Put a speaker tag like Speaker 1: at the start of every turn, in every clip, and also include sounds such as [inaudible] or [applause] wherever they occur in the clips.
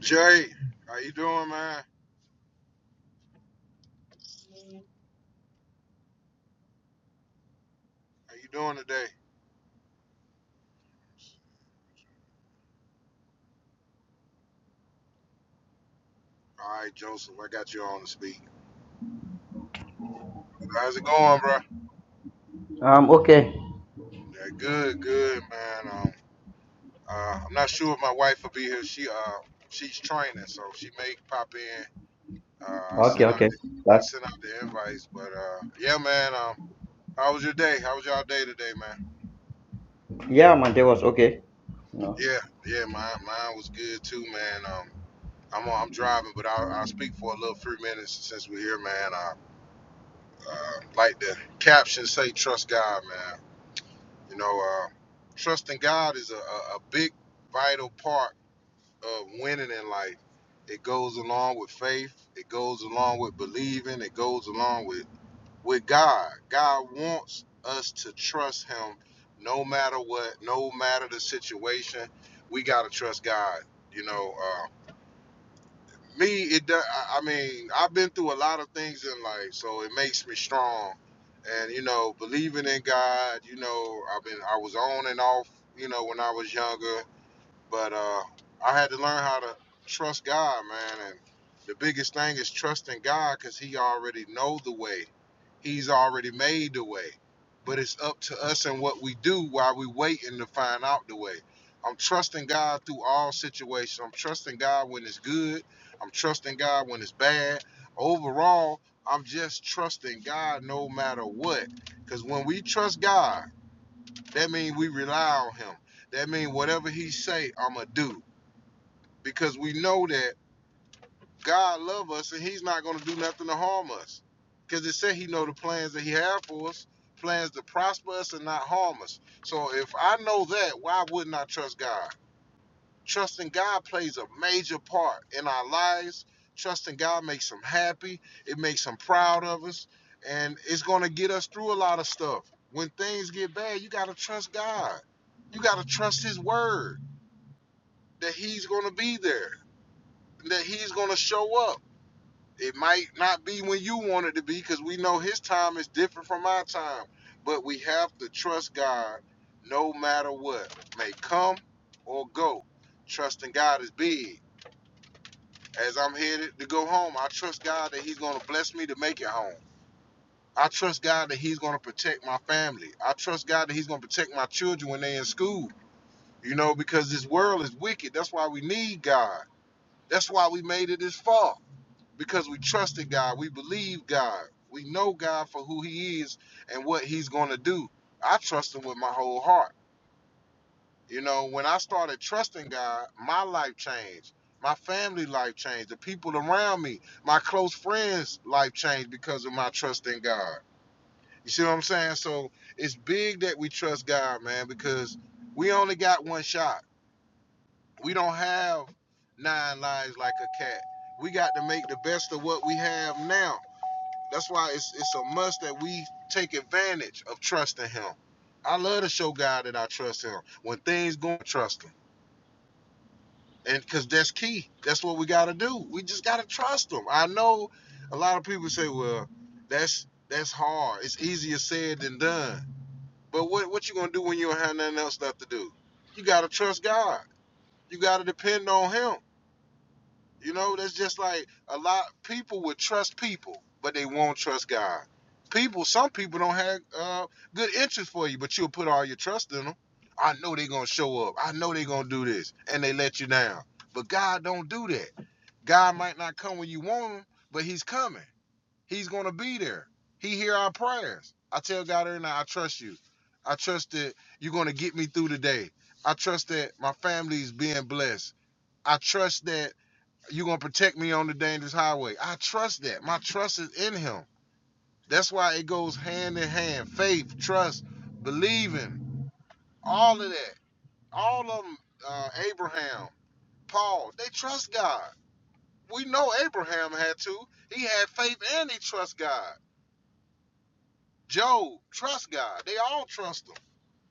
Speaker 1: Jay, how you doing, man? How you doing today? All right, Joseph, I got you on to speak. How's it going, bro?
Speaker 2: Um, okay.
Speaker 1: Yeah, good, good, man. Um, uh, I'm not sure if my wife will be here. She uh, she's training, so she may pop in. Uh, I
Speaker 2: Okay,
Speaker 1: sent out
Speaker 2: okay.
Speaker 1: the, I
Speaker 2: That,
Speaker 1: sent out the invites, but uh, yeah, man. Um, how was your day? How was y'all day today, man?
Speaker 2: yeah, my day was okay. No.
Speaker 1: Yeah, yeah, mine mine was good too, man. Um, I'm on, I'm driving, but I'll, I'll speak for a little three minutes since we're here, man. Uh, Uh, like the caption say, trust God, man. You know, uh, trusting God is a, a, a big, vital part of winning in life. It goes along with faith. It goes along with believing. It goes along with with God. God wants us to trust Him, no matter what, no matter the situation. We gotta trust God. You know. uh, me, it. do- I I mean, I've been through a lot of things in life, so it makes me strong. And you know, believing in God. You know, I've been. I was on and off. You know, when I was younger. But uh, I had to learn how to trust God, man. And the biggest thing is trusting God because He already know the way. He's already made the way. But it's up to us and what we do while we waiting to find out the way. I'm trusting God through all situations. I'm trusting God when it's good. I'm trusting God when it's bad. Overall, I'm just trusting God no matter what. Because when we trust God, that means we rely on him. That means whatever he say, I'ma do. Because we know that God love us and he's not gonna do nothing to harm us. Because it said he know the plans that he had for us, plans to prosper us and not harm us. So if I know that, why wouldn't I trust God? Trusting God plays a major part in our lives. Trusting God makes him happy. It makes him proud of us. And it's going to get us through a lot of stuff. When things get bad, you got to trust God. You got to trust his word that he's going to be there, that he's going to show up. It might not be when you want it to be because we know his time is different from our time. But we have to trust God no matter what may come or go. Trusting God is big As I'm headed to go home, I trust God that He's going to bless me to make it home. I trust God that He's going to protect my family. I trust God that He's going to protect my children when they're in school. You know, because this world is wicked. That's why we need God. That's why we made it this far. Because we trusted God. We believe God. We know God for who He is and what He's going to do. I trust Him with my whole heart. You know, when I started trusting God, my life changed. My family life changed. The people around me, my close friends' life changed because of my trust in God. You see what I'm saying? So it's big that we trust God, man, because we only got one shot. We don't have nine lives like a cat. We got to make the best of what we have now. That's why it's it's a must that we take advantage of trusting Him. I love to show God that I trust Him. When things go, trust Him. and because that's key. That's what we got to do. We just got to trust them. I know a lot of people say, "Well, that's that's hard. It's easier said than done." But what what you gonna do when you don't have nothing else left to do? You got to trust God. You got to depend on Him. You know, that's just like a lot people would trust people, but they won't trust God. People, some people don't have uh, good interest for you, but you'll put all your trust in them. I know they're gonna show up. I know they're gonna do this, and they let you down. But God don't do that. God might not come when you want him, but He's coming. He's gonna be there. He hear our prayers. I tell God every night, I trust you. I trust that you're gonna get me through the day. I trust that my family's being blessed. I trust that you're going to protect me on the dangerous highway. I trust that. My trust is in him. That's why it goes hand in hand faith, trust, believing, all of that. All of them, uh, Abraham, Paul, they trust God. We know Abraham had to. He had faith and he trust God. Job, trust God. They all trust him.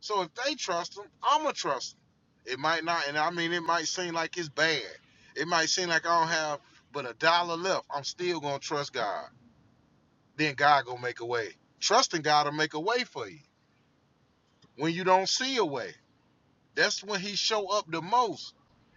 Speaker 1: So if they trust him, I'm going to trust him. It might not, and I mean, it might seem like it's bad. It might seem like I don't have but a dollar left. I'm still going to trust God. then God gonna make a way. Trusting God to make a way for you when you don't see a way. That's when He show up the most.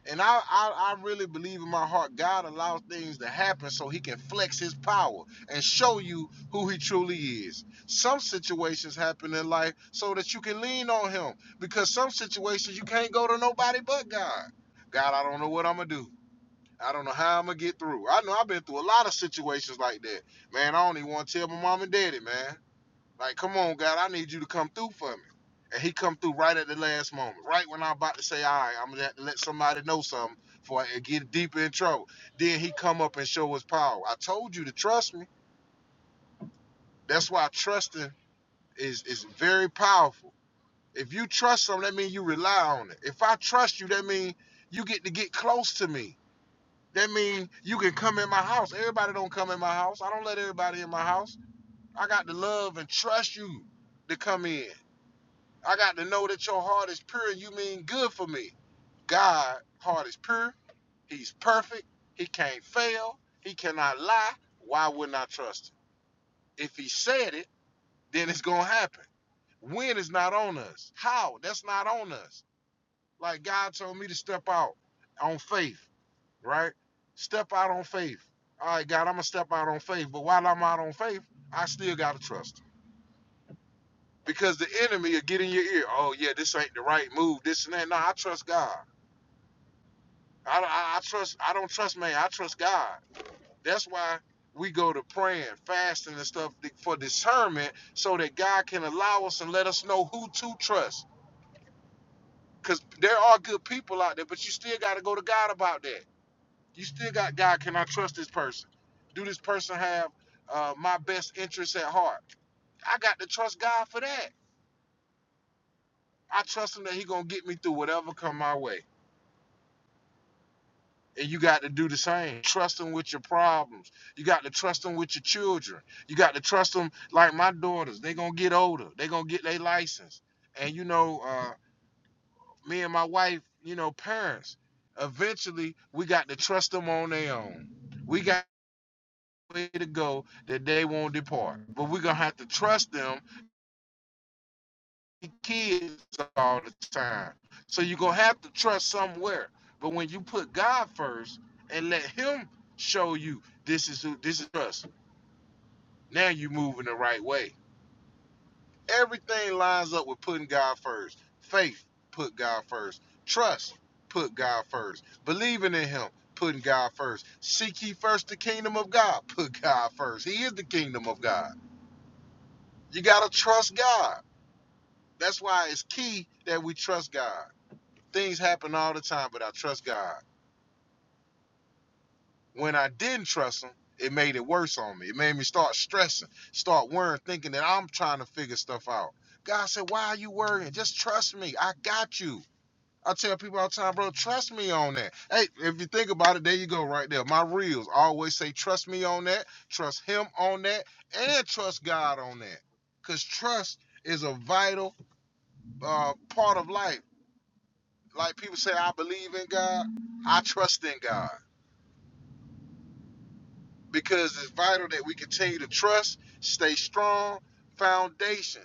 Speaker 1: And I, I, I really believe in my heart God allows things to happen so He can flex His power and show you who He truly is. Some situations happen in life so that you can lean on Him because some situations you can't go to nobody but God. God, I don't know what I'm gonna do. I don't know how I'm gonna get through. I know I've been through a lot of situations like that. Man, I don't even want to tell my mom and daddy, man. Like, come on, God, I need you to come through for me. And he come through right at the last moment, right when I'm about to say, all right, I'm gonna have to let somebody know something for it get deeper in trouble. Then he come up and show his power. I told you to trust me. That's why trusting is is very powerful. If you trust something, that means you rely on it. If I trust you, that means you get to get close to me. That means you can come in my house. Everybody don't come in my house. I don't let everybody in my house. I got to love and trust you to come in. I got to know that your heart is pure and you mean good for me. God heart is pure. He's perfect. He can't fail. He cannot lie. Why wouldn't I trust him? If he said it, then it's gonna happen. When is not on us. How? That's not on us. Like God told me to step out on faith, right? Step out on faith. All right, God, I'm gonna step out on faith. But while I'm out on faith, I still gotta trust him. Because the enemy will get in your ear. Oh yeah, this ain't the right move, this and that. No, I trust God. I, I, I trust. I don't trust man. I trust God. That's why we go to praying, fasting, and stuff for discernment, so that God can allow us and let us know who to trust. Cause there are good people out there, but you still got to go to God about that. You still got God. Can I trust this person? Do this person have uh, my best interests at heart? I got to trust God for that. I trust Him that He gonna get me through whatever come my way. And you got to do the same. Trust them with your problems. You got to trust them with your children. You got to trust them like my daughters. They're going to get older. They're going to get their license. And, you know, uh, me and my wife, you know, parents, eventually we got to trust them on their own. We got a way to go that they won't depart. But we're going to have to trust them kids all the time. So you're gonna have to trust somewhere. But when you put God first and let Him show you this is who this is us, now you're moving the right way. Everything lines up with putting God first. Faith, put God first. Trust, put God first. Believing in Him, putting God first. Seek ye first the kingdom of God, put God first. He is the kingdom of God. You gotta trust God. That's why it's key that we trust God. Things happen all the time, but I trust God. When I didn't trust Him, it made it worse on me. It made me start stressing, start worrying, thinking that I'm trying to figure stuff out. God said, Why are you worrying? Just trust me. I got you. I tell people all the time, bro, trust me on that. Hey, if you think about it, there you go, right there. My reels always say, trust me on that, trust him on that, and trust God on that. Because trust is a vital uh, part of life. Like people say, I believe in God, I trust in God. because it's vital that we continue to trust, stay strong, foundation.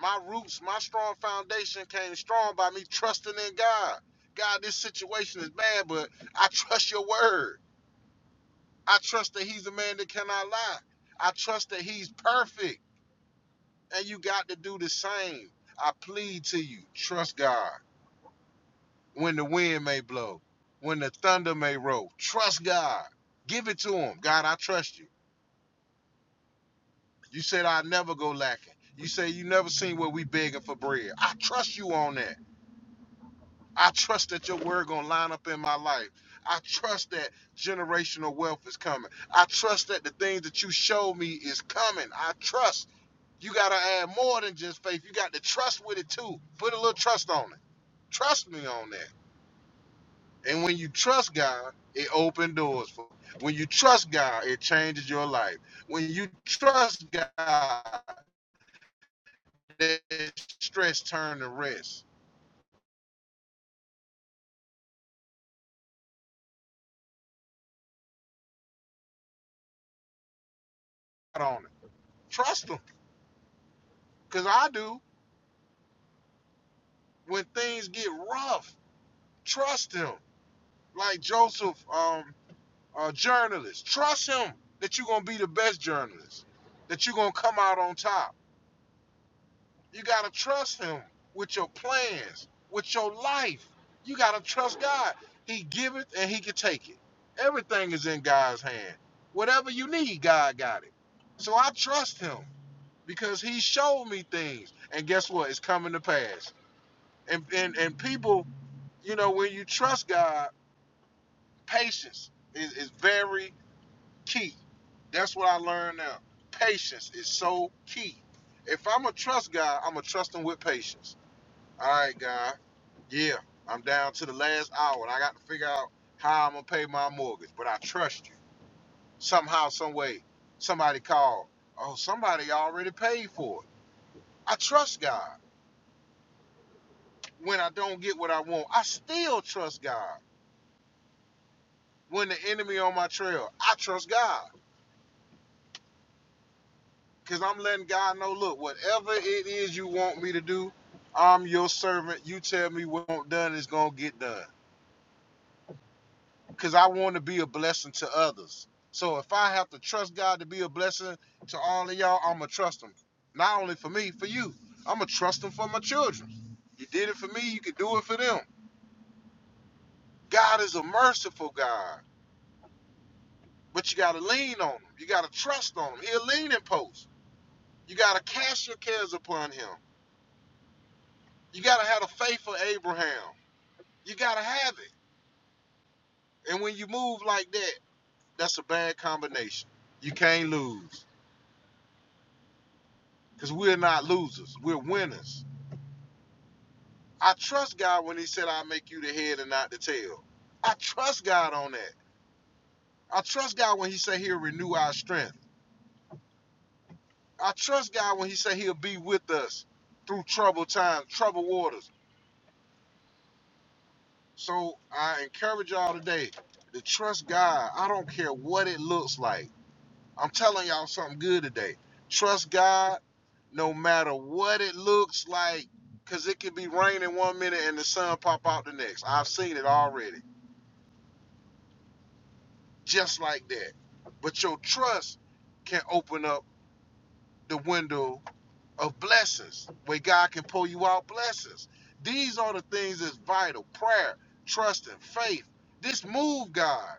Speaker 1: My roots, my strong foundation came strong by me trusting in God. God, this situation is bad, but I trust your word. I trust that he's a man that cannot lie. I trust that he's perfect. And you got to do the same. I plead to you, trust God. When the wind may blow, when the thunder may roll, trust God. Give it to him. God, I trust you. You said I never go lacking. You say you never seen where we begging for bread. I trust you on that. I trust that your word gonna line up in my life. I trust that generational wealth is coming. I trust that the things that you show me is coming. I trust. You gotta add more than just faith. You got to trust with it too. Put a little trust on it. Trust me on that. And when you trust God, it opens doors for you. When you trust God, it changes your life. When you trust God, that stress turn to rest. Out on it. Trust him, cause I do. When things get rough, trust him. Like Joseph, um, uh, journalist, trust him that you're gonna be the best journalist. That you're gonna come out on top. You gotta trust him with your plans, with your life. You gotta trust God. He giveth and He can take it. Everything is in God's hand. Whatever you need, God got it. So I trust Him. because he showed me things and guess what it's coming to pass and and, and people you know when you trust god patience is, is very key that's what i learned now patience is so key if i'm gonna trust god i'm gonna trust him with patience all right god yeah i'm down to the last hour and i got to figure out how i'm gonna pay my mortgage but i trust you somehow some way somebody called oh somebody already paid for it i trust god when I don't get what I want, I still trust God. When the enemy on my trail, I trust God because I'm letting God know, look, whatever it is you want me to do, I'm your servant. You tell me what's done is gonna get done because I want to be a blessing to others. So if I have to trust God to be a blessing to all of y'all, I'ma trust Him. Not only for me, for you. I'ma trust Him for my children. You did it for me, you can do it for them. God is a merciful God. But you gotta lean on him. You gotta trust on him. He'll lean and post. You gotta cast your cares upon him. You gotta have the faith of Abraham. You gotta have it. And when you move like that, that's a bad combination. You can't lose. Because we're not losers. We're winners. I trust God when he said I'll make you the head and not the tail. I trust God on that. I trust God when he said he'll renew our strength. I trust God when he said he'll be with us through troubled times, troubled waters. So I encourage y'all today to trust God. I don't care what it looks like. I'm telling y'all something good today. Trust God no matter what it looks like because it could be raining one minute and the sun pop out the next. I've seen it already, just like that. But your trust can open up the window of blessings where God can pull you out blessings. These are the things that's vital prayer, trust, and faith. This move God.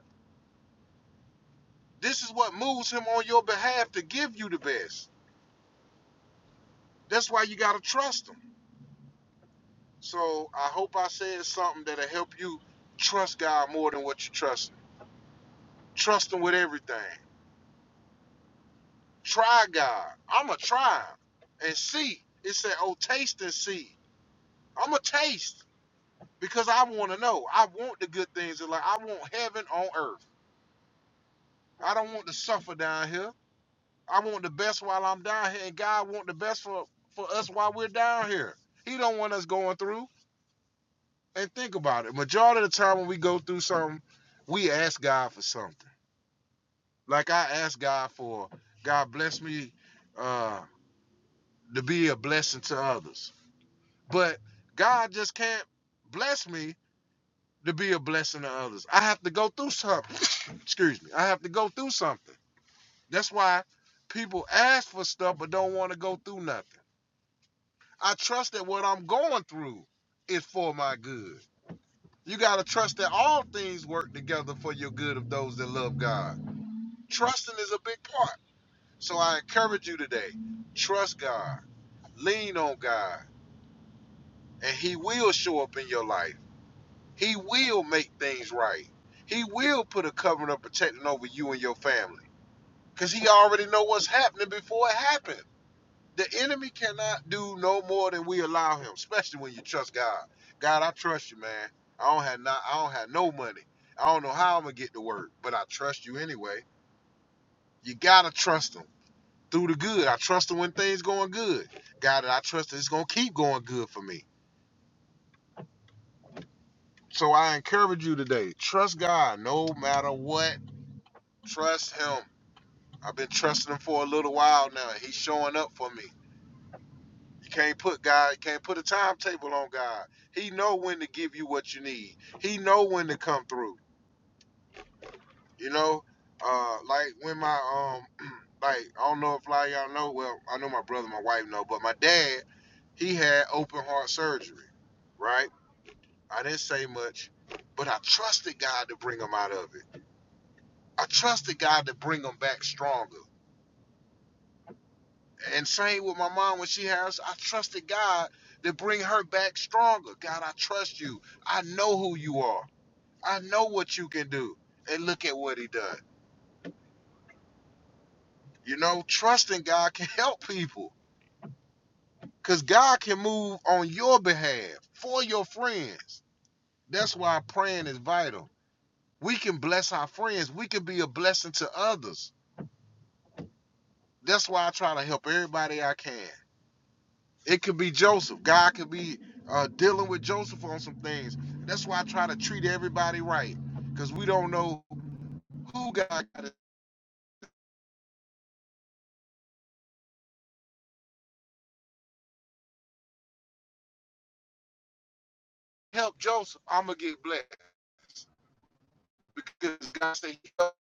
Speaker 1: This is what moves him on your behalf to give you the best. That's why you got to trust him. So I hope I said something that'll help you trust God more than what you trust him. Trust him with everything. Try God. I'm going to try him and see. It said, oh, taste and see. I'm going to taste because I want to know. I want the good things in life. I want heaven on earth. I don't want to suffer down here. I want the best while I'm down here, and God want the best for, for us while we're down here. He don't want us going through. and think about it. Majority of the time when we go through something, we ask God for something. Like I ask God for God bless me uh, to be a blessing to others, but God just can't bless me to be a blessing to others. I have to go through something. [coughs] [laughs] Excuse me. I have to go through something. That's why people ask for stuff but don't want to go through nothing. I trust that what I'm going through is for my good. You got to trust that all things work together for your good of those that love God. Trusting is a big part. So I encourage you today trust God, lean on God, and He will show up in your life. He will make things right. He will put a covering of protecting over you and your family because He already know what's happening before it happens. The enemy cannot do no more than we allow him, especially when you trust God. God, I trust you, man. I don't have not I don't have no money. I don't know how I'm gonna get to work, but I trust you anyway. You gotta trust him through the good. I trust him when things going good. God, I trust that it's gonna keep going good for me. So I encourage you today, trust God no matter what. Trust him. I've been trusting him for a little while now. He's showing up for me. You can't put God, you can't put a timetable on God. He know when to give you what you need. He know when to come through. You know, uh, like when my um, [clears throat] like I don't know if a lot of y'all know. Well, I know my brother, my wife know, but my dad, he had open heart surgery, right? I didn't say much, but I trusted God to bring him out of it. I trusted God to bring him back stronger. And same with my mom when she had us, I trusted God to bring her back stronger. God, I trust you. I know who you are. I know what you can do. And look at what he done. You know, trusting God can help people. Cause God can move on your behalf for your friends. That's why praying is vital. We can bless our friends. We can be a blessing to others. That's why I try to help everybody I can. It could be Joseph. God could be uh, dealing with Joseph on some things. That's why I try to treat everybody right because we don't know who God got to help Joseph. I'm going to get blessed because God said, he helped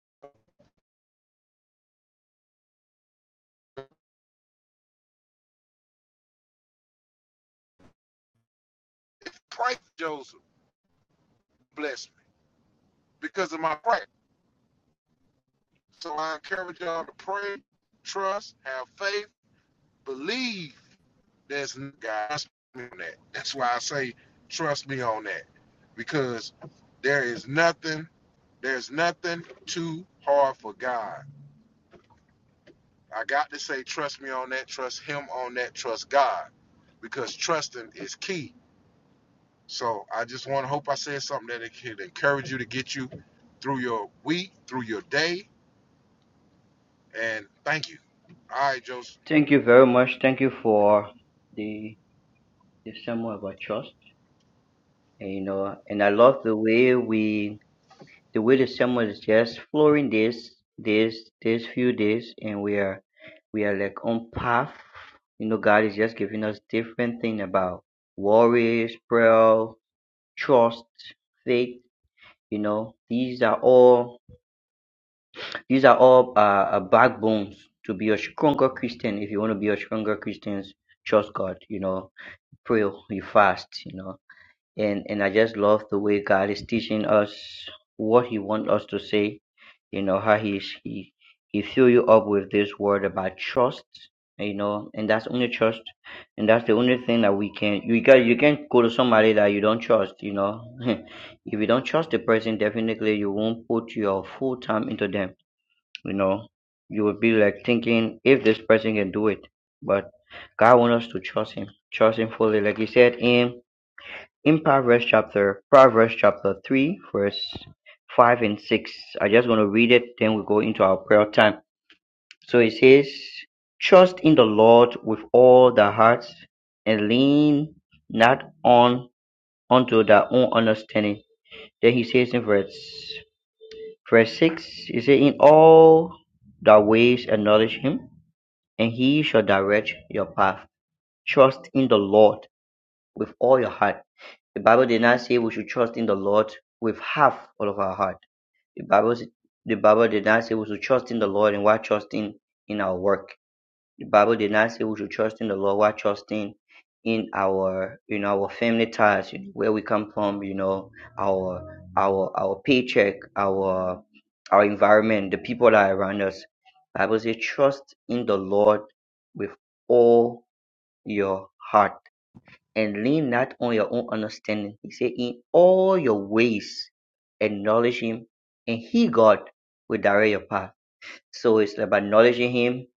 Speaker 1: me. If I pray for Joseph, bless me because of my prayer. So I encourage y'all to pray, trust, have faith, believe there's n- God. Trust me on that. That's why I say, trust me on that because there is nothing There's nothing too hard for God. I got to say, trust me on that, trust Him on that, trust God, because trusting is key. So I just want to hope I said something that it can encourage you to get you through your week, through your day, and thank you. All right, Joseph.
Speaker 2: Thank you very much. Thank you for the the sermon about trust. And you know, and I love the way we the way the sermon is just flowing this this this few days and we are we are like on path. You know, God is just giving us different thing about worries, prayer, trust, faith, you know. These are all These are all uh, uh, backbones to be a stronger Christian. If you want to be a stronger Christian, trust God, you know, pray, you fast, you know. And, and I just love the way God is teaching us what He wants us to say, you know, how He's, He, He fill you up with this word about trust, you know, and that's only trust. And that's the only thing that we can, you can, you can't go to somebody that you don't trust, you know. [laughs] if you don't trust the person, definitely you won't put your full time into them you know, you would be like thinking if this person can do it, but God wants us to trust Him, trust Him fully, like He said in in Proverbs chapter Proverbs chapter three, verse five and six. I just want to read it, then we go into our prayer time. So it says, "Trust in the Lord with all thy heart, and lean not on unto thy own understanding." Then he says in verse verse six, he said, "In all thy ways acknowledge Him." and he shall direct your path. Trust in the Lord with all your heart. The Bible did not say we should trust in the Lord with half all of our heart. The Bible, the Bible did not say we should trust in the Lord and while trusting in our work. The Bible did not say we should trust in the Lord while trusting in our you know our family ties, you know, where we come from, you know, our our our paycheck, our our environment, the people that are around us. Bible says trust in the Lord with all your heart and lean not on your own understanding. He said in all your ways acknowledge him and he God will direct your path. So it's about acknowledging him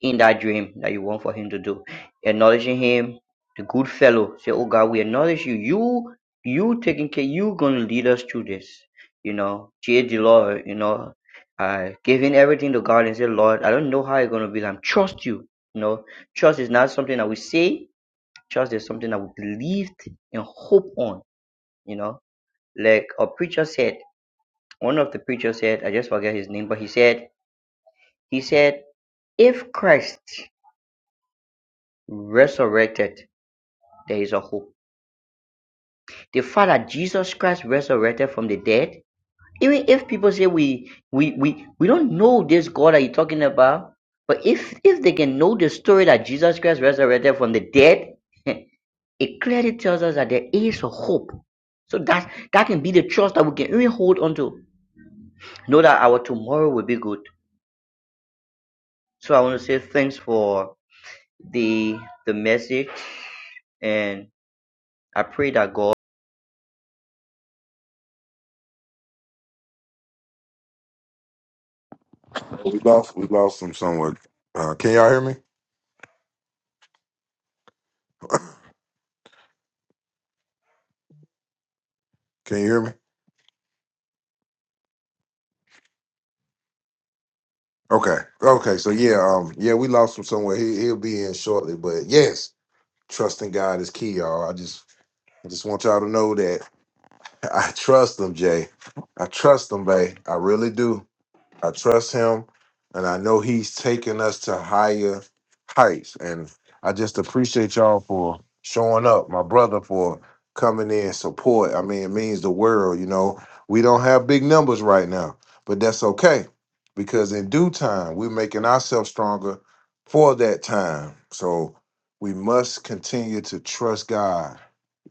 Speaker 2: in that dream that you want for him to do. Acknowledging him, the good fellow. Say, Oh God, we acknowledge you. You you taking care, you gonna lead us through this. You know, cheer the Lord, you know, uh giving everything to God and say, Lord, I don't know how it's gonna be. I'm trust you. You know, trust is not something that we say, trust is something that we believed and hope on, you know. Like a preacher said, one of the preachers said, I just forget his name, but he said, he said, if Christ resurrected there is a hope. The fact that Jesus Christ resurrected from the dead, even if people say we we we we don't know this God that you're talking about, but if if they can know the story that Jesus Christ resurrected from the dead, [laughs] it clearly tells us that there is a hope. So that that can be the trust that we can really hold on to. Know that our tomorrow will be good. So I want to say thanks for the the message and I pray that God
Speaker 1: We lost we lost him somewhere. Uh, can y'all hear me? Can you hear me? Okay. Okay. So yeah, um, yeah, we lost him somewhere. He he'll be in shortly. But yes, trusting God is key, y'all. I just I just want y'all to know that. I trust them, Jay. I trust them, Bay. I really do. I trust him, and I know he's taking us to higher heights. And I just appreciate y'all for showing up, my brother, for coming in support. I mean, it means the world. You know, we don't have big numbers right now, but that's okay because in due time, we're making ourselves stronger for that time. So we must continue to trust God.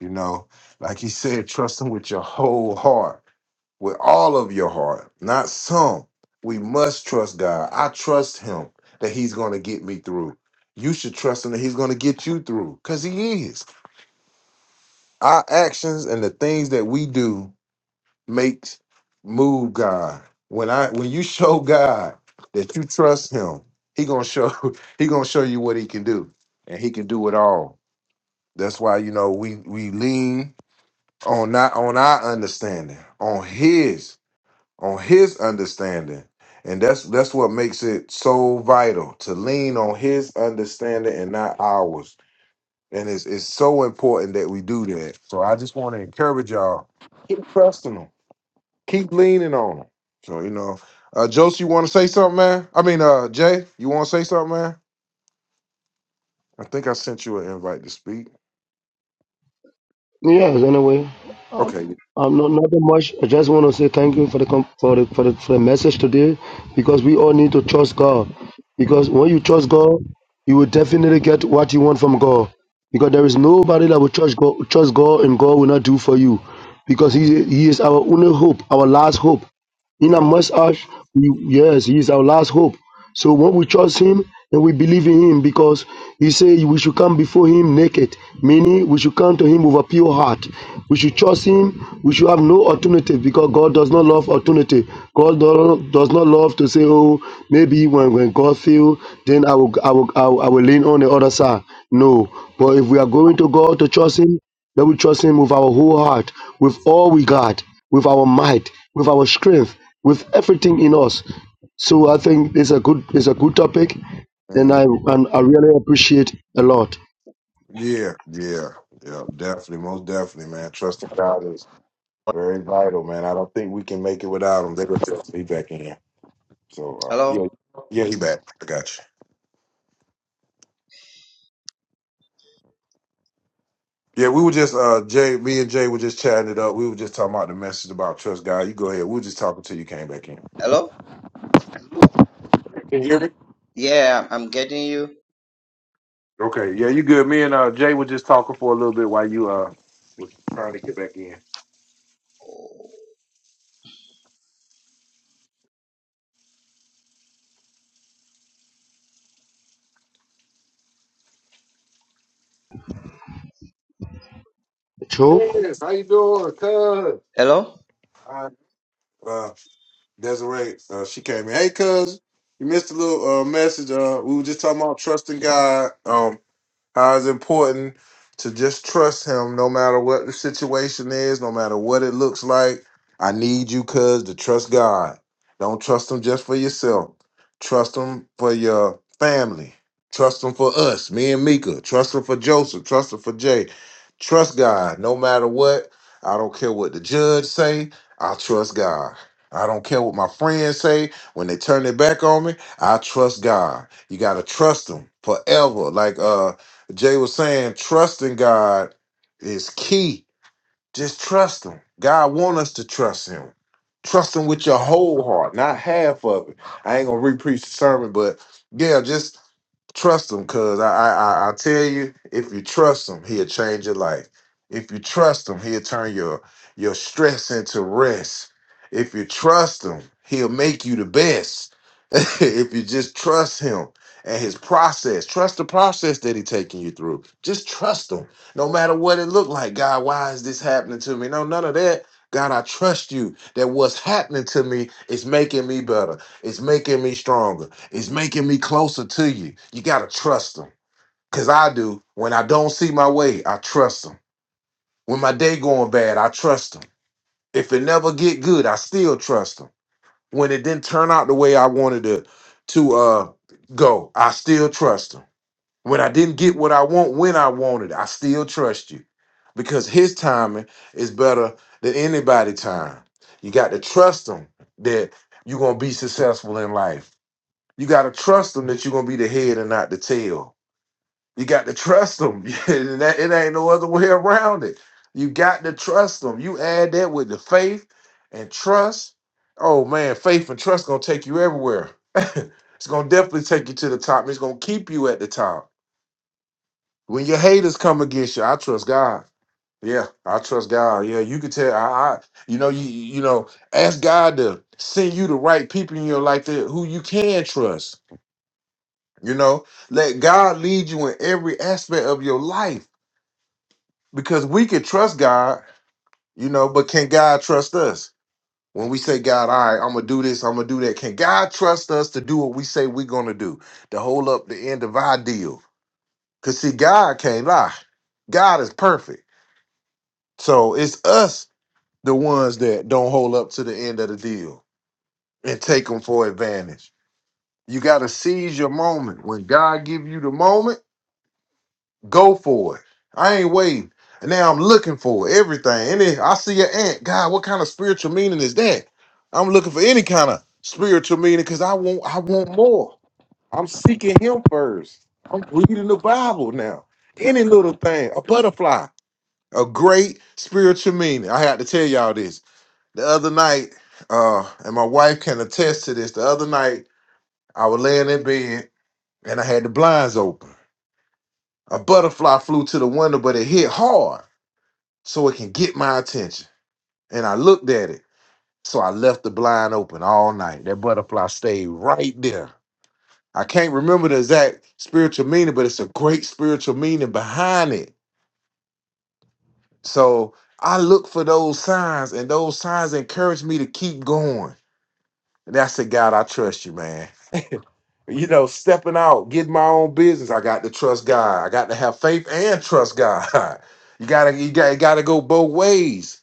Speaker 1: You know, like he said, [laughs] trust him with your whole heart with all of your heart, not some. We must trust God. I trust Him that He's going to get me through. You should trust Him that He's going to get you through because He is. Our actions and the things that we do makes move God. When I when you [laughs] show God that you trust Him, He gonna show [laughs] He gonna show you what He can do, and He can do it all. That's why you know we we lean on not on our understanding, on His on his understanding and that's that's what makes it so vital to lean on his understanding and not ours and it's, it's so important that we do that so i just want to encourage y'all keep trusting him keep leaning on him so you know uh josie you want to say something man i mean uh jay you want to say something man i think i sent you an invite to speak
Speaker 3: Yes, anyway,
Speaker 1: okay
Speaker 3: um, not nothing much. I just want to say thank you for the com- for the, for the for the message today, because we all need to trust God.
Speaker 1: mm,
Speaker 3: Because when you trust God, you will definitely get what you want from God. Because there is nobody that will trust God, trust God, and God will not do for you, because He He is our only hope, our last hope. In a
Speaker 1: yep
Speaker 3: us, we, yes, he is our last hope. So when we trust him and we believe in him, because he said we should come before him naked, meaning we should come to him with a pure heart. We should trust him. We should have no alternative because God does not love alternative. God do- does not love to say, oh, maybe when, when God feel, then I will, I, will, I will I will lean on the other side. No. But if we are going to God to trust him, that we trust Him with our whole heart, with all we got, with our might, with our strength, with everything in us. So I think it's a good it's a good topic, and
Speaker 1: mm,
Speaker 3: I and I really appreciate a lot.
Speaker 1: yeah yeah yeah definitely most definitely man trusting god Very vital, man. I don't think we can make it without him. They were just he back in. So uh,
Speaker 2: Hello?
Speaker 1: yeah, yeah, he back. I got you. Yeah, we were just uh Jay, me and Jay were just chatting it up. We were just talking about the message about trust God. You go ahead. We were just talking till you came back in.
Speaker 2: Hello?
Speaker 1: Can you hear me?
Speaker 2: Yeah, I'm getting you.
Speaker 1: Okay, yeah, you good. Me and uh Jay were just talking for a little bit while you uh was trying to get back in.
Speaker 3: Joe,
Speaker 1: Yes, how you doing, cuz?
Speaker 2: Hello?
Speaker 1: Hi. Uh Desiree, uh she came in. Hey cuz, you missed a little uh message. Uh we were just talking about trusting God. Um How it's important to just trust him no matter what the situation is, no matter what it looks like. I need you, cuz, to trust God. Don't trust him just for yourself. Trust him for your family. Trust him for us, me and Mika. Trust him for Joseph. Trust him for Jay. Trust God no matter what. I don't care what the judge say. I trust God. I don't care what my friends say when they turn their back on me. I trust God. You gotta trust Him forever. Like uh Jay was saying trusting God is key. Just trust him. God want us to trust him. Trust him with your whole heart, not half of it. I ain't gonna re-preach the sermon, but yeah, just Trust him, cause I, I I I tell you, if you trust him, he'll change your life. If you trust him, he'll turn your your stress into rest. If you trust him, he'll make you the best. [laughs] if you just trust him and his process, trust the process that he's taking you through. Just trust him, no matter what it looked like. God, why is this happening to me? No, none of that. God, I trust you that what's happening to me is making me better. It's making me stronger. It's making me closer to you. You gotta trust him. Cause I do. When I don't see my way, I trust him. When my day going bad, I trust him. If it never get good, I still trust him. When it didn't turn out the way I wanted to to uh go, I still trust him. When I didn't get what I want when I wanted, I still trust you. Because his timing is better than anybody's time. You got to trust him that you're gonna be successful in life you got to trust them that you're going to be the head and not the tail. You got to trust them. [laughs] and that, it ain't no other way around it. You got to trust them. You add that with the faith and trust. Oh man, faith and trust going to take you everywhere. [laughs] it's going to definitely take you to the top. It's going to keep you at the top. When your haters come against you, I trust God. Yeah, I trust God. Yeah, you can tell. I, I you know, you you know, ask God to send you the right people in your life that who you can trust You know, let God lead you in every aspect of your life because we can trust God, you know, but can God trust us? When we say, God, all right, I'm going to do this, I'm going to do that, can God trust us to do what we say we're going to do, to hold up the end of our deal? Because, see, God can't lie. God is perfect. So it's us, the ones that don't hold up to the end of the deal and take them for advantage. You got to seize your moment. When God give you the moment, Go for it. I ain't waiting. And now I'm looking for everything. And then I see an ant. God, what kind of spiritual meaning is that? I'm looking for any kind of spiritual meaning because I want I want more. I'm seeking him first. I'm reading the Bible now. Any little thing, a butterfly, a great spiritual meaning. I had to tell y'all this. The other night, uh, and my wife can attest to this. The other night, I was laying in bed and I had the blinds open. A butterfly flew to the window, but it hit hard so it can get my attention. And I looked at it, so I left the blind open all night. That butterfly stayed right there. I can't remember the exact spiritual meaning, but it's a great spiritual meaning behind it. So I look for those signs, and those signs encourage me to keep going. And I said, God, I trust you, man. You know, stepping out, getting my own business, I got to trust God. I got to have faith and trust God. [laughs] You gotta, you gotta, gotta go both ways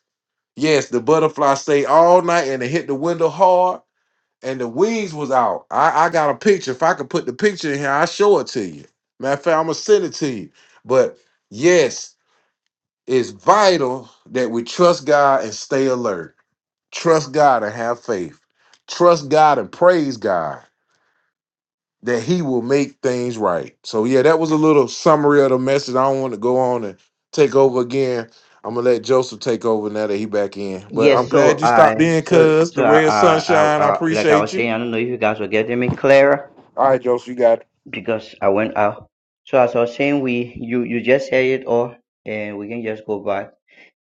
Speaker 1: Yes, the butterfly stayed all night and it hit the window hard and the wings was out. I, I got a picture. If I could put the picture in here, I'll show it to you. Matter of fact, I'm gonna send it to you. But yes, it's vital that we trust God and stay alert. Trust God and have faith. Trust God and praise God that he will make things right. So yeah, that was a little summary of the message. I don't want to go on and take over again. I'm gonna let Joseph take over now that he back in. But I'm
Speaker 2: Yes,
Speaker 1: glad
Speaker 2: so
Speaker 1: you
Speaker 2: I
Speaker 1: stopped in,
Speaker 2: so
Speaker 1: cuz the
Speaker 2: so I,
Speaker 1: red
Speaker 2: I I
Speaker 1: sunshine. I
Speaker 2: I like I
Speaker 1: appreciate
Speaker 2: was
Speaker 1: you.
Speaker 2: saying, I don't know if you guys were getting me clearer
Speaker 1: All right, Joseph, you got it.
Speaker 2: because I went out. So as I was saying, we you you just said it all, and we can just go back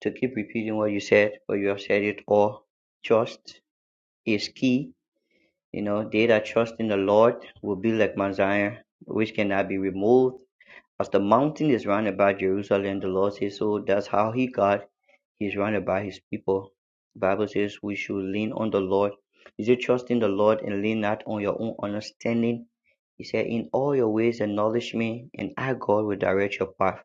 Speaker 2: to keep repeating what you said, but you have said it all. Trust is key. You know, they that trust in the Lord will be like Mount Zion, which cannot be removed. As the mountain is round about Jerusalem, the Lord says so. That's how He got he is surrounded by his people. The Bible says we should lean on the Lord. Is it trust in the Lord and lean not on your own understanding. He said, in all your ways acknowledge me and I God will direct your path.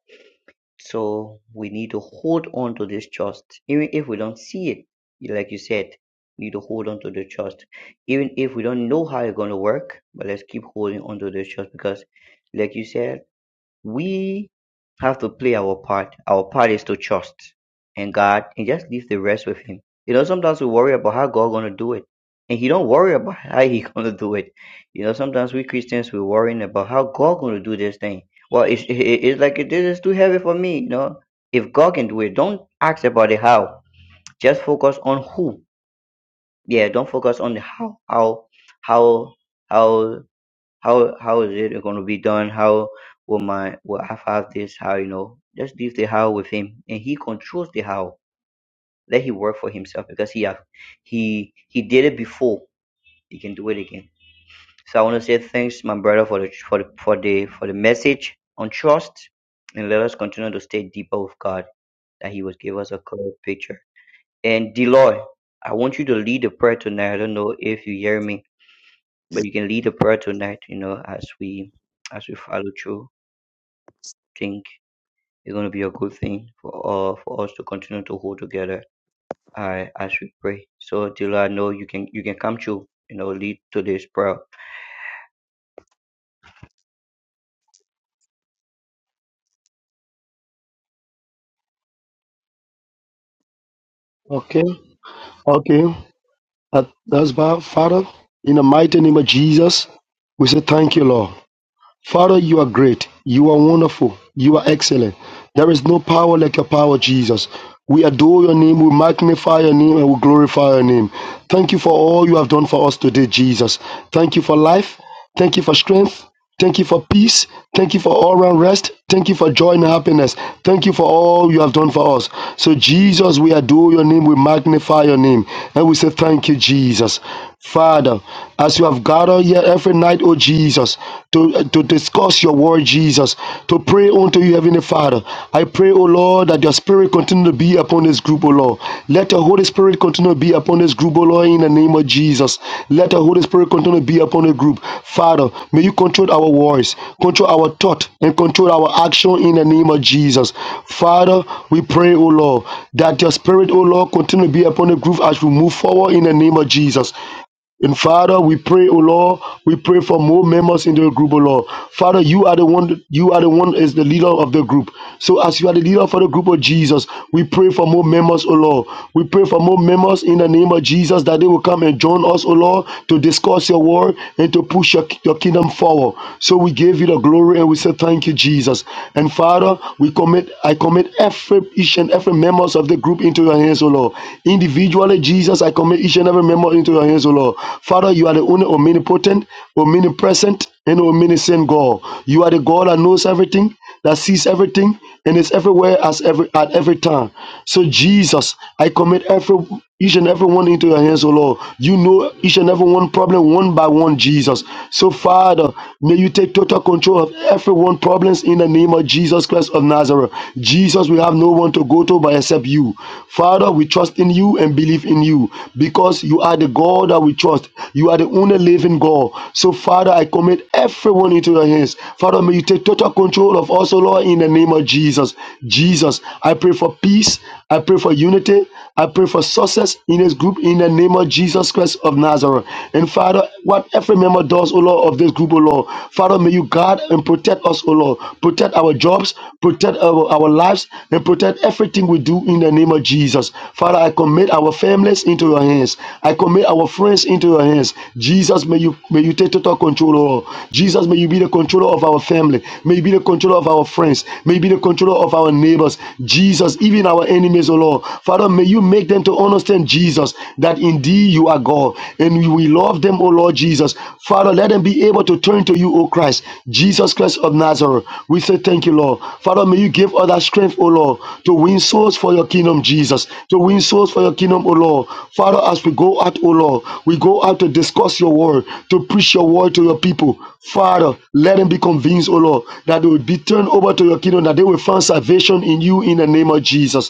Speaker 2: So we need to hold on to this trust. Even if we don't see it, like you said, we need to hold on to the trust. Even if we don't know how it's going to work, but let's keep holding on to this trust because like you said, we have to play our part. Our part is to trust in God and just leave the rest with Him. You know, sometimes we worry about how God gonna do it, and He don't worry about [laughs] how He gonna do it. You know, sometimes we Christians we worrying about how God gonna do this thing. Well, it's it- it's like this is too heavy for me. You know, if God can do it, don't ask about the how. Just focus on who. Yeah, don't focus on the how. How how how how how is it going to be done how will my will i have this how you know just leave the how with him and he controls the how let him work for himself because he have he he did it before he can do it again so i want to say thanks my brother for the for the for the for the message on trust and let us continue to stay deeper with god that he will give us a clear picture and deloy i want you to lead the prayer tonight i don't know if you hear me
Speaker 1: Yeah,
Speaker 2: but you can lead the prayer tonight you know as we as we follow through think it's going to be a good thing for uh, for us to continue to hold together uh, as we pray. So Dila, I know you can you can come to you know lead today's prayer.
Speaker 3: okay, okay, That- that's about Father. In the mighty name of Jesus, we say thank you, Lord. Father, you are great. You are wonderful. You are excellent. There is no power like your power, Jesus. We adore your name, we magnify your name, and we glorify your name. Thank you for all you have done for us today, Jesus. Thank you for life. Thank you for strength. Thank you for peace. Thank you for all round rest. Thank you for joy and happiness. Thank you for all you have done for us. So, Jesus, we adore your name. We magnify your name. And we say, Thank you, Jesus. Father, as you have gathered here every night, oh Jesus, to, to discuss your word, Jesus, to pray unto you, Heavenly Father, I pray, oh Lord, that your spirit continue to be upon this group, O Lord. Let the Holy Spirit continue to be upon this group, O Lord, in the name of Jesus. Let the Holy Spirit continue to be upon the group. Father, may you control our voice, control our thought, and control our action in the name of Jesus. Father, we pray, O Lord, that your spirit, O Lord, continue to be upon the group as we move forward in the name of Jesus. And Father, we pray, O Lord, we pray for more members in the group, O Lord. Father, you are the one, you are the one is the leader of the group. So as you are the leader for the group of Jesus, we pray for more members, O Lord. We pray for more members in the name of Jesus that they will come and join us, O Lord, to discuss your word and to push your, your kingdom forward. So we give you the glory and we say thank you, Jesus. And Father, we commit, I commit every each and every members of the group into your hands, O Lord. Lord. Individually, Jesus, I commit each and every member into your hands, O Lord. Father, you are the only omnipotent, omnipresent, and omniscient God. You are the God that knows everything, that sees everything, and is everywhere as every at every time. So, Jesus, I commit every each and every one into your hands, O Lord. You know each and every one problem one by one, Jesus. So, Father, may you take total control of every one problems in the name of Jesus Christ of Nazareth. Nazareth. Jesus, we have no one to go to but except you. Father, we trust in you and believe in you because you are the God that we trust. You are the only living God. So, Father, I commit everyone into your hands. Father, may you take total control of us, O Lord, in the name of Jesus. Jesus, I pray for peace. I pray for unity. I pray for success in this group in the name of Jesus Christ of Nazareth. And Father, what every member does, O Lord, of this group, O Lord, Father, may you guard and protect us, O Lord. Protect our jobs, protect our, our lives, and protect everything we do in the name of Jesus. Father, I commit our families into your hands. I commit our friends into your hands. Jesus, may you may you take total control, O Lord. Jesus, may you be the controller of our family. May you be the controller of our friends. May you be the controller of our neighbors. Jesus, Jesus, even our enemies, O Lord. Father, may you make them to understand, Jesus, that indeed you are God and we love them, O Lord Jesus. Father, let them be able to turn to you, O Christ, Jesus Christ of Nazareth. We say thank you, Lord. Father, may you give us that strength, O Lord, to win souls for your kingdom, Jesus, to win souls for your kingdom, O Lord. Father, as we go out, O Lord, we go out to discuss your word, to preach your word to your people. Father, let them be convinced, O Lord, that they will be turned over to your kingdom, that they will find salvation in you you in the name of Jesus.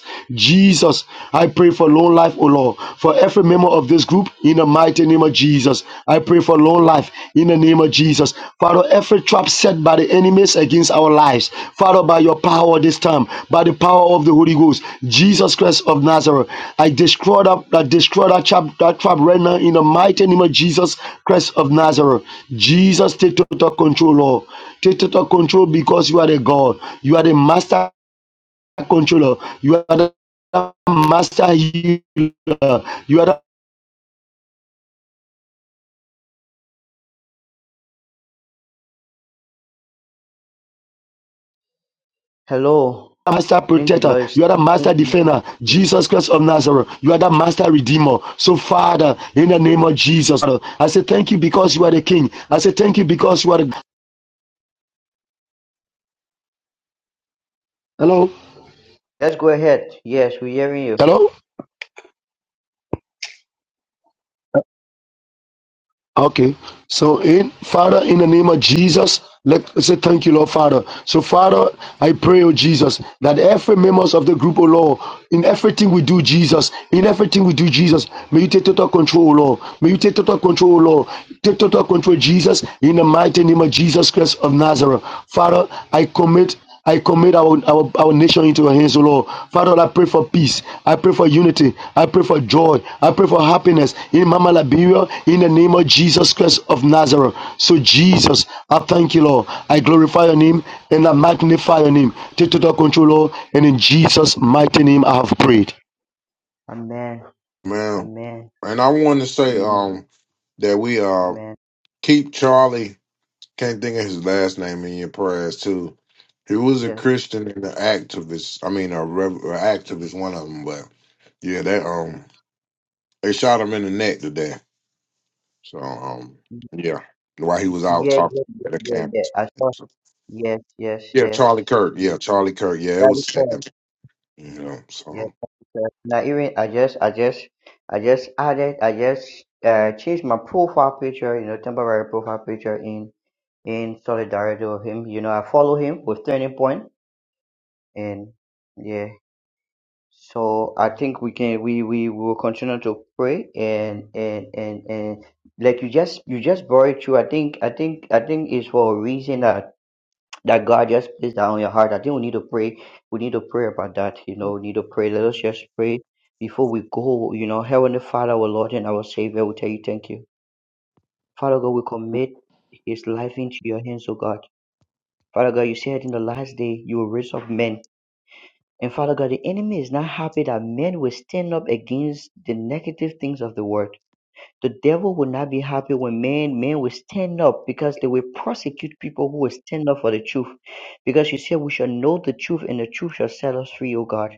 Speaker 3: Jesus, I pray for long life, O Lord, for every member of this group in the mighty name of Jesus. I pray for long life in the name of Jesus. Father, every trap set by the enemies against our lives, Father, by your power this time, by the power of the Holy Ghost, Jesus Christ of Nazareth, I destroy that, I destroy that trap, that trap right now in the mighty name of Jesus Christ of Nazareth. Jesus, take total control, Lord. Take total control because you are the God. You are the master controller. You are the master healer. You are the
Speaker 2: Hello,
Speaker 3: master
Speaker 2: I think
Speaker 3: protector.
Speaker 2: Dila is
Speaker 3: You are the master
Speaker 2: sticking.
Speaker 3: defender. Jesus Christ of Nazareth. You are the master redeemer. So, Father, in the name of Jesus, I say thank you because you are the King. I say thank you because you are the. Hello?
Speaker 2: Let's go ahead. Yes, we're hearing you.
Speaker 3: Hello? Okay. So in Father, in the name of Jesus, let us say thank you, Lord Father. So Father, I pray, oh Jesus, that every members of the group, oh Lord, in everything we do, Jesus, in everything we do, Jesus, may you take total control, oh Lord. May you take total control, oh Lord. Take total control, Jesus, in the mighty name of Jesus Christ of Nazareth. Father, I commit I commit our, our, our nation into your hands, O Lord. Father, I pray for peace. I pray for unity. I pray for joy. I pray for happiness in Mama Liberia in the name of Jesus Christ of Nazareth. So, Jesus, I thank you, Lord. I glorify your name and I magnify your name. Take total control, Lord. And in Jesus' mighty name, I have prayed.
Speaker 2: Amen.
Speaker 1: man.
Speaker 2: Amen.
Speaker 1: And I want to say
Speaker 2: Amen.
Speaker 1: um that we uh
Speaker 2: Amen.
Speaker 1: keep Charlie. Can't think of his last name in your prayers too. He was a
Speaker 2: Yes.
Speaker 1: Christian and an activist. I mean, a, rev- a activist, one of them. But yeah, that um. They shot him in the neck today. So um, yeah, while he was out
Speaker 2: Yeah. Yeah.
Speaker 1: talking
Speaker 2: Yeah.
Speaker 1: at a
Speaker 2: Yeah. yeah.
Speaker 1: campus.
Speaker 2: I saw.
Speaker 1: So,
Speaker 2: Yes. Yes.
Speaker 1: yeah,
Speaker 2: Yes.
Speaker 1: Charlie Kirk.
Speaker 2: yes.
Speaker 1: Yeah, Charlie Kirk. Yeah, it
Speaker 2: That is
Speaker 1: was
Speaker 2: all.
Speaker 1: sad. You know.
Speaker 2: Yes,
Speaker 1: So
Speaker 2: sir. Now even I just I just I just added I just uh changed my profile picture, you know, temporary profile picture in in solidarity with him. You know, I follow him with turning point and yeah. So I think we can we we will continue to pray and and and and like you just you just brought it through. I think I think I think it's for a reason that that God just placed that on your heart. I think we need to pray. We need to pray about that. You know, we need to pray. Let us just pray before we go. You know, Heavenly Father, our Lord and our Savior, we tell you thank you. Father God, we commit his life into your hands, O God. Father God, you said in the last day you will raise up men. And Father God, the enemy is not happy that men will stand up against the negative things of the world. The devil will not be happy when men men will stand up because they will prosecute people who will stand up for the truth. Because you said we shall know the truth and the truth shall set us free, O God.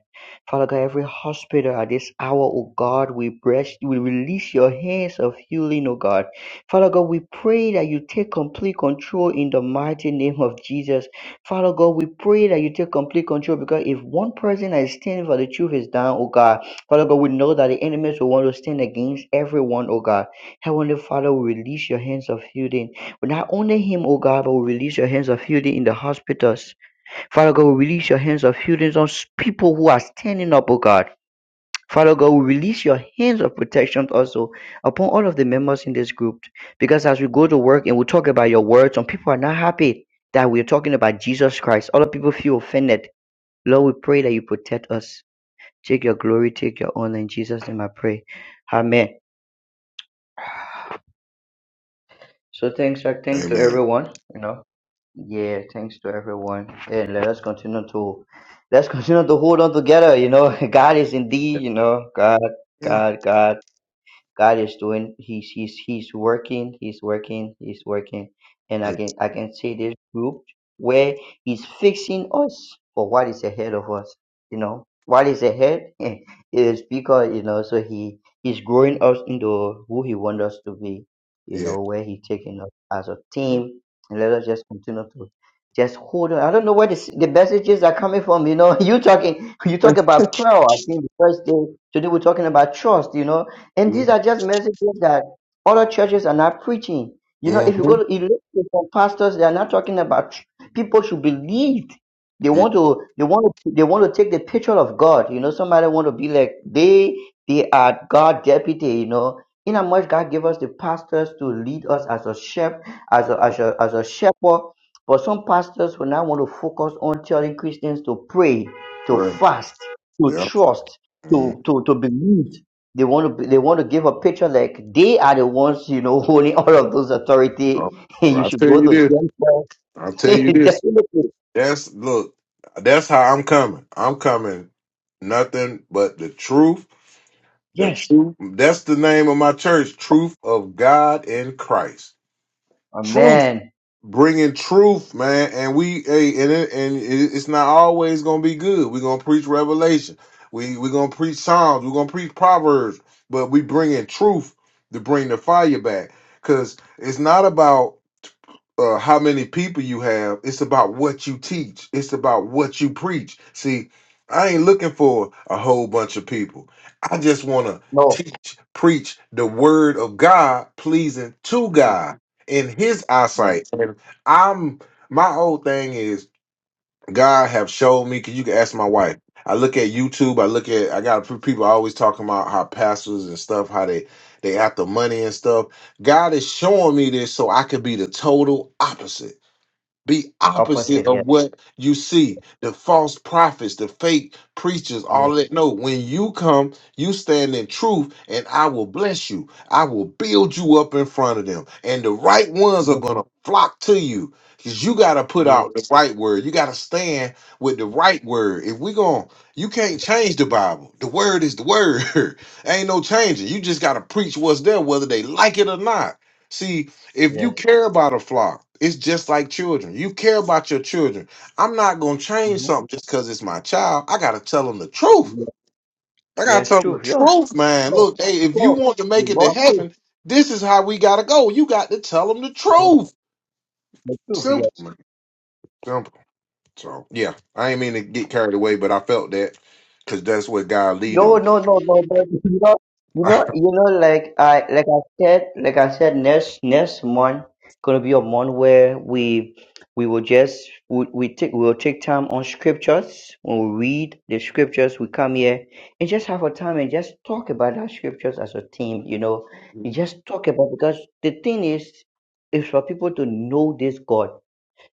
Speaker 2: Father God, every hospital at this hour, O God, we bless we release your hands of healing, O God. Father God, we pray that you take complete control in the mighty name of Jesus. Father God, we pray that you take complete control because if one person that is standing for the truth is down, O God. Father God, we know that the enemies will want to stand against everyone, oh God. Heavenly Father, we release your hands of healing. But not only him, oh God, but we release your hands of healing in the hospitals. Father God, we release your hands of healing on s- people who are standing up, oh God. Father God, we release your hands of protection also upon all of the members in this group. Because as we go to work and we talk about your word, some people are not happy that we're talking about Jesus Christ. Other people feel offended. Lord, we pray that you protect us. Take your glory, take your honor. In Jesus' name I pray. Amen. So thanks, uh, thanks to
Speaker 1: amen.
Speaker 2: everyone. You know, yeah, thanks to everyone. And let us continue to let's continue to hold on together. You know, [laughs] God is
Speaker 1: Yeah.
Speaker 2: indeed, you know, God,
Speaker 1: Yeah.
Speaker 2: God, God. God is doing. He's he's he's working. He's working. He's working. And I
Speaker 1: Hey,
Speaker 2: can I can see this group where He's fixing us for what is ahead of us. You know what is ahead [laughs] it is because you know. So He He's growing us into who He wants us to be. You
Speaker 1: Yeah.
Speaker 2: know where He's taking us as a
Speaker 1: Mm-hmm.
Speaker 2: team. And let us just continue to just hold on. I don't know where the, the messages are coming from. You know, [laughs] you talking, you talk about prayer. I think the first day today we're talking about trust. You know, and these are just messages that other churches are not preaching. You know, if you
Speaker 1: mm-hmm,
Speaker 2: go to you look pastors, they are not talking about tr- people should believe. They
Speaker 1: mm-hmm,
Speaker 2: want to they want to they want to take the picture of God. You know, somebody want to be like they they are God deputy, you know. In how much God gave us the pastors to lead us as a shepherd, as a, as a as a shepherd. But some pastors will not want to focus on telling Christians to pray, to
Speaker 1: Right.
Speaker 2: fast, to
Speaker 1: Yeah.
Speaker 2: trust, to
Speaker 1: Mm.
Speaker 2: to, to believe. They want to they want to give a picture like they are the ones you know [laughs] holding all of those
Speaker 1: Oh,
Speaker 2: authority. [laughs] you
Speaker 1: well, I
Speaker 2: should
Speaker 1: tell
Speaker 2: go
Speaker 1: you
Speaker 2: to
Speaker 1: this.
Speaker 2: them
Speaker 1: I tell you
Speaker 2: first. [laughs]
Speaker 1: this.
Speaker 2: Definitely,
Speaker 1: That's look. That's how I'm coming. I'm coming. Nothing but the truth. The
Speaker 2: yes.
Speaker 1: truth. That's the name of my church. Truth of God in Christ. truth,
Speaker 2: Amen.
Speaker 1: bringing truth, man. And we, hey, and it, and it, it's not always gonna be good. We're gonna preach Revelation. We we're gonna preach Psalms. We're gonna preach Proverbs. But we bringing truth to bring the fire back, cause it's not about uh, how many people you have. It's about what you teach. It's about what you preach. See, I ain't looking for a whole bunch of people. I just want to
Speaker 2: No.
Speaker 1: teach, preach the word of God, pleasing to God in His
Speaker 2: Yes.
Speaker 1: eyesight. And I'm my whole thing is God have showed me. Cause you can ask my wife. I look at YouTube. I look at. I got p- people always talking about how pastors and stuff, how they they after money and stuff. God is showing me this so I could be the total opposite. Be opposite
Speaker 2: Opposite.
Speaker 1: of
Speaker 2: Yes.
Speaker 1: what you see. The false prophets, the fake preachers, all
Speaker 2: Yes.
Speaker 1: of that. No, when you come, you stand in truth, and I will bless you. I will build you up in front of them. And the right ones are
Speaker 2: Yes.
Speaker 1: gonna flock to you. Because you gotta put
Speaker 2: Yes.
Speaker 1: out the right word. You gotta stand with the right word. If we going you can't change the Bible. The word is the word. [laughs] Ain't no changing. You just gotta preach what's there, whether they like it or not. See, if you
Speaker 2: Yes.
Speaker 1: care about a flock, it's just like children. You care about your children. I'm not gonna change
Speaker 2: Mm-hmm.
Speaker 1: something just because it's my child. I gotta tell them the truth.
Speaker 2: Yes.
Speaker 1: I gotta
Speaker 2: yes.
Speaker 1: tell them the
Speaker 2: True. Yeah.
Speaker 1: truth, man.
Speaker 2: Sure.
Speaker 1: Look, hey, if you
Speaker 2: Sure.
Speaker 1: want to
Speaker 2: The
Speaker 1: make it to
Speaker 2: Lord is-
Speaker 1: heaven, this is how we gotta go. You got to tell them the
Speaker 2: Yes.
Speaker 1: truth.
Speaker 2: The truth.
Speaker 1: Simple,
Speaker 2: Yes.
Speaker 1: man. Simple. So yeah, I ain't mean to get carried away, but I felt that because that's what God leading
Speaker 2: No,
Speaker 1: me.
Speaker 2: no, no, no, but [laughs] you know, you know,
Speaker 1: [laughs]
Speaker 2: you know, like I, like I said, like I said, next next month gonna be a month where we we will just we, we take we will take time on scriptures. When we read the scriptures, we come here and just have a time and just talk about our scriptures as a team. You know, you
Speaker 1: mm-hmm.
Speaker 2: just talk about because the thing is, is for people to know this God.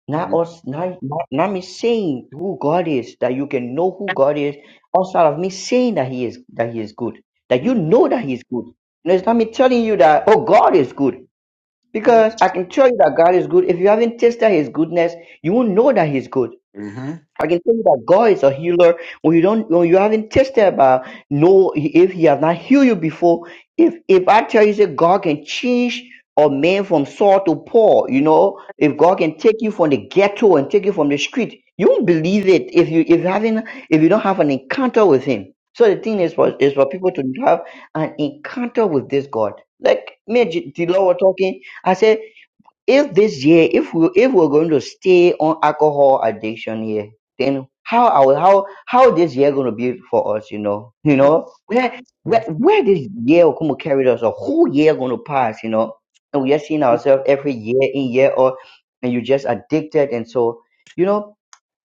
Speaker 2: Not us, not, not, not me saying who God is, that you can know who God is, outside of me saying that He is that He is good, that you know that He is good. And it's not me telling you that oh God is good,
Speaker 1: Mm-hmm.
Speaker 2: because I can tell you that God is good. If you haven't tasted His goodness, you won't know that He's good. I can tell you that God is a healer. When you don't, when you haven't tested about, no, if He has not healed you before, if if I tell you that God can change a man from Saul to Paul, you know, if God can take you from the ghetto and take you from the street, you won't believe it if you if you haven't if you don't have an encounter with Him. So the thing is for is for people to have an encounter with this God. Like me, and G- the Lord were talking. I said if this year if we if we're going to stay on alcohol addiction here then how our how how this year going to be for us you know you know where where, where this year will come to carry us a whole year going to pass you know and we are seeing ourselves every year in year or and you just addicted and so you know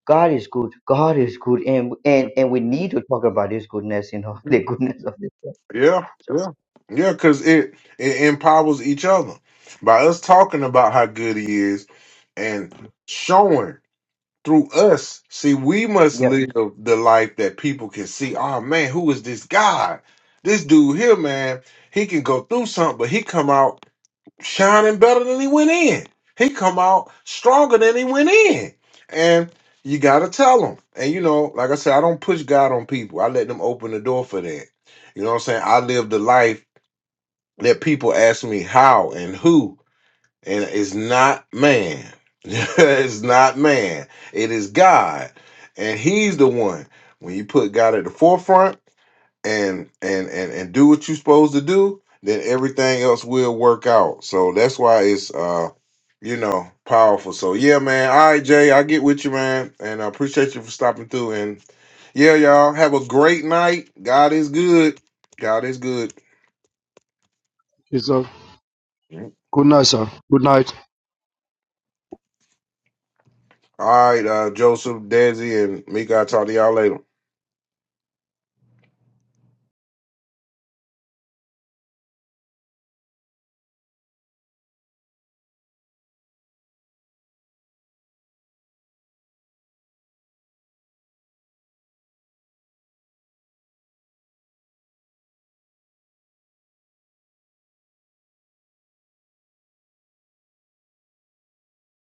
Speaker 2: god is good god is good and and and we need to talk about this goodness you know [laughs]
Speaker 1: Mm-hmm.
Speaker 2: the goodness of this God.
Speaker 1: Yeah,
Speaker 2: so
Speaker 1: yeah, yeah. Because it it empowers each other by us talking about how good he is and showing through us. See, we must
Speaker 2: yeah.
Speaker 1: live the life that people can see. Oh man, who is this guy? This dude here, man. He can go through something, but he come out shining better than he went in. He come out stronger than he went in. And you gotta tell him. And you know, like I said, I don't push God on people. I let them open the door for that. You know what I'm saying? I live the life that people ask me how and who, and it's not man. [laughs] it's not man. It is God. And he's the one. When you put God at the forefront, and and and and do what you're supposed to do, then everything else will work out. So that's why it's uh you know powerful. So yeah, man. All right, Jay, I get with you, man, and I appreciate you for stopping through. And yeah, y'all have a great night. God is good. God is good.
Speaker 3: Yes, sir.
Speaker 1: All
Speaker 3: Good night, sir. Good night.
Speaker 1: right, uh, Joseph, Desi, and Mika. I'll talk to y'all later.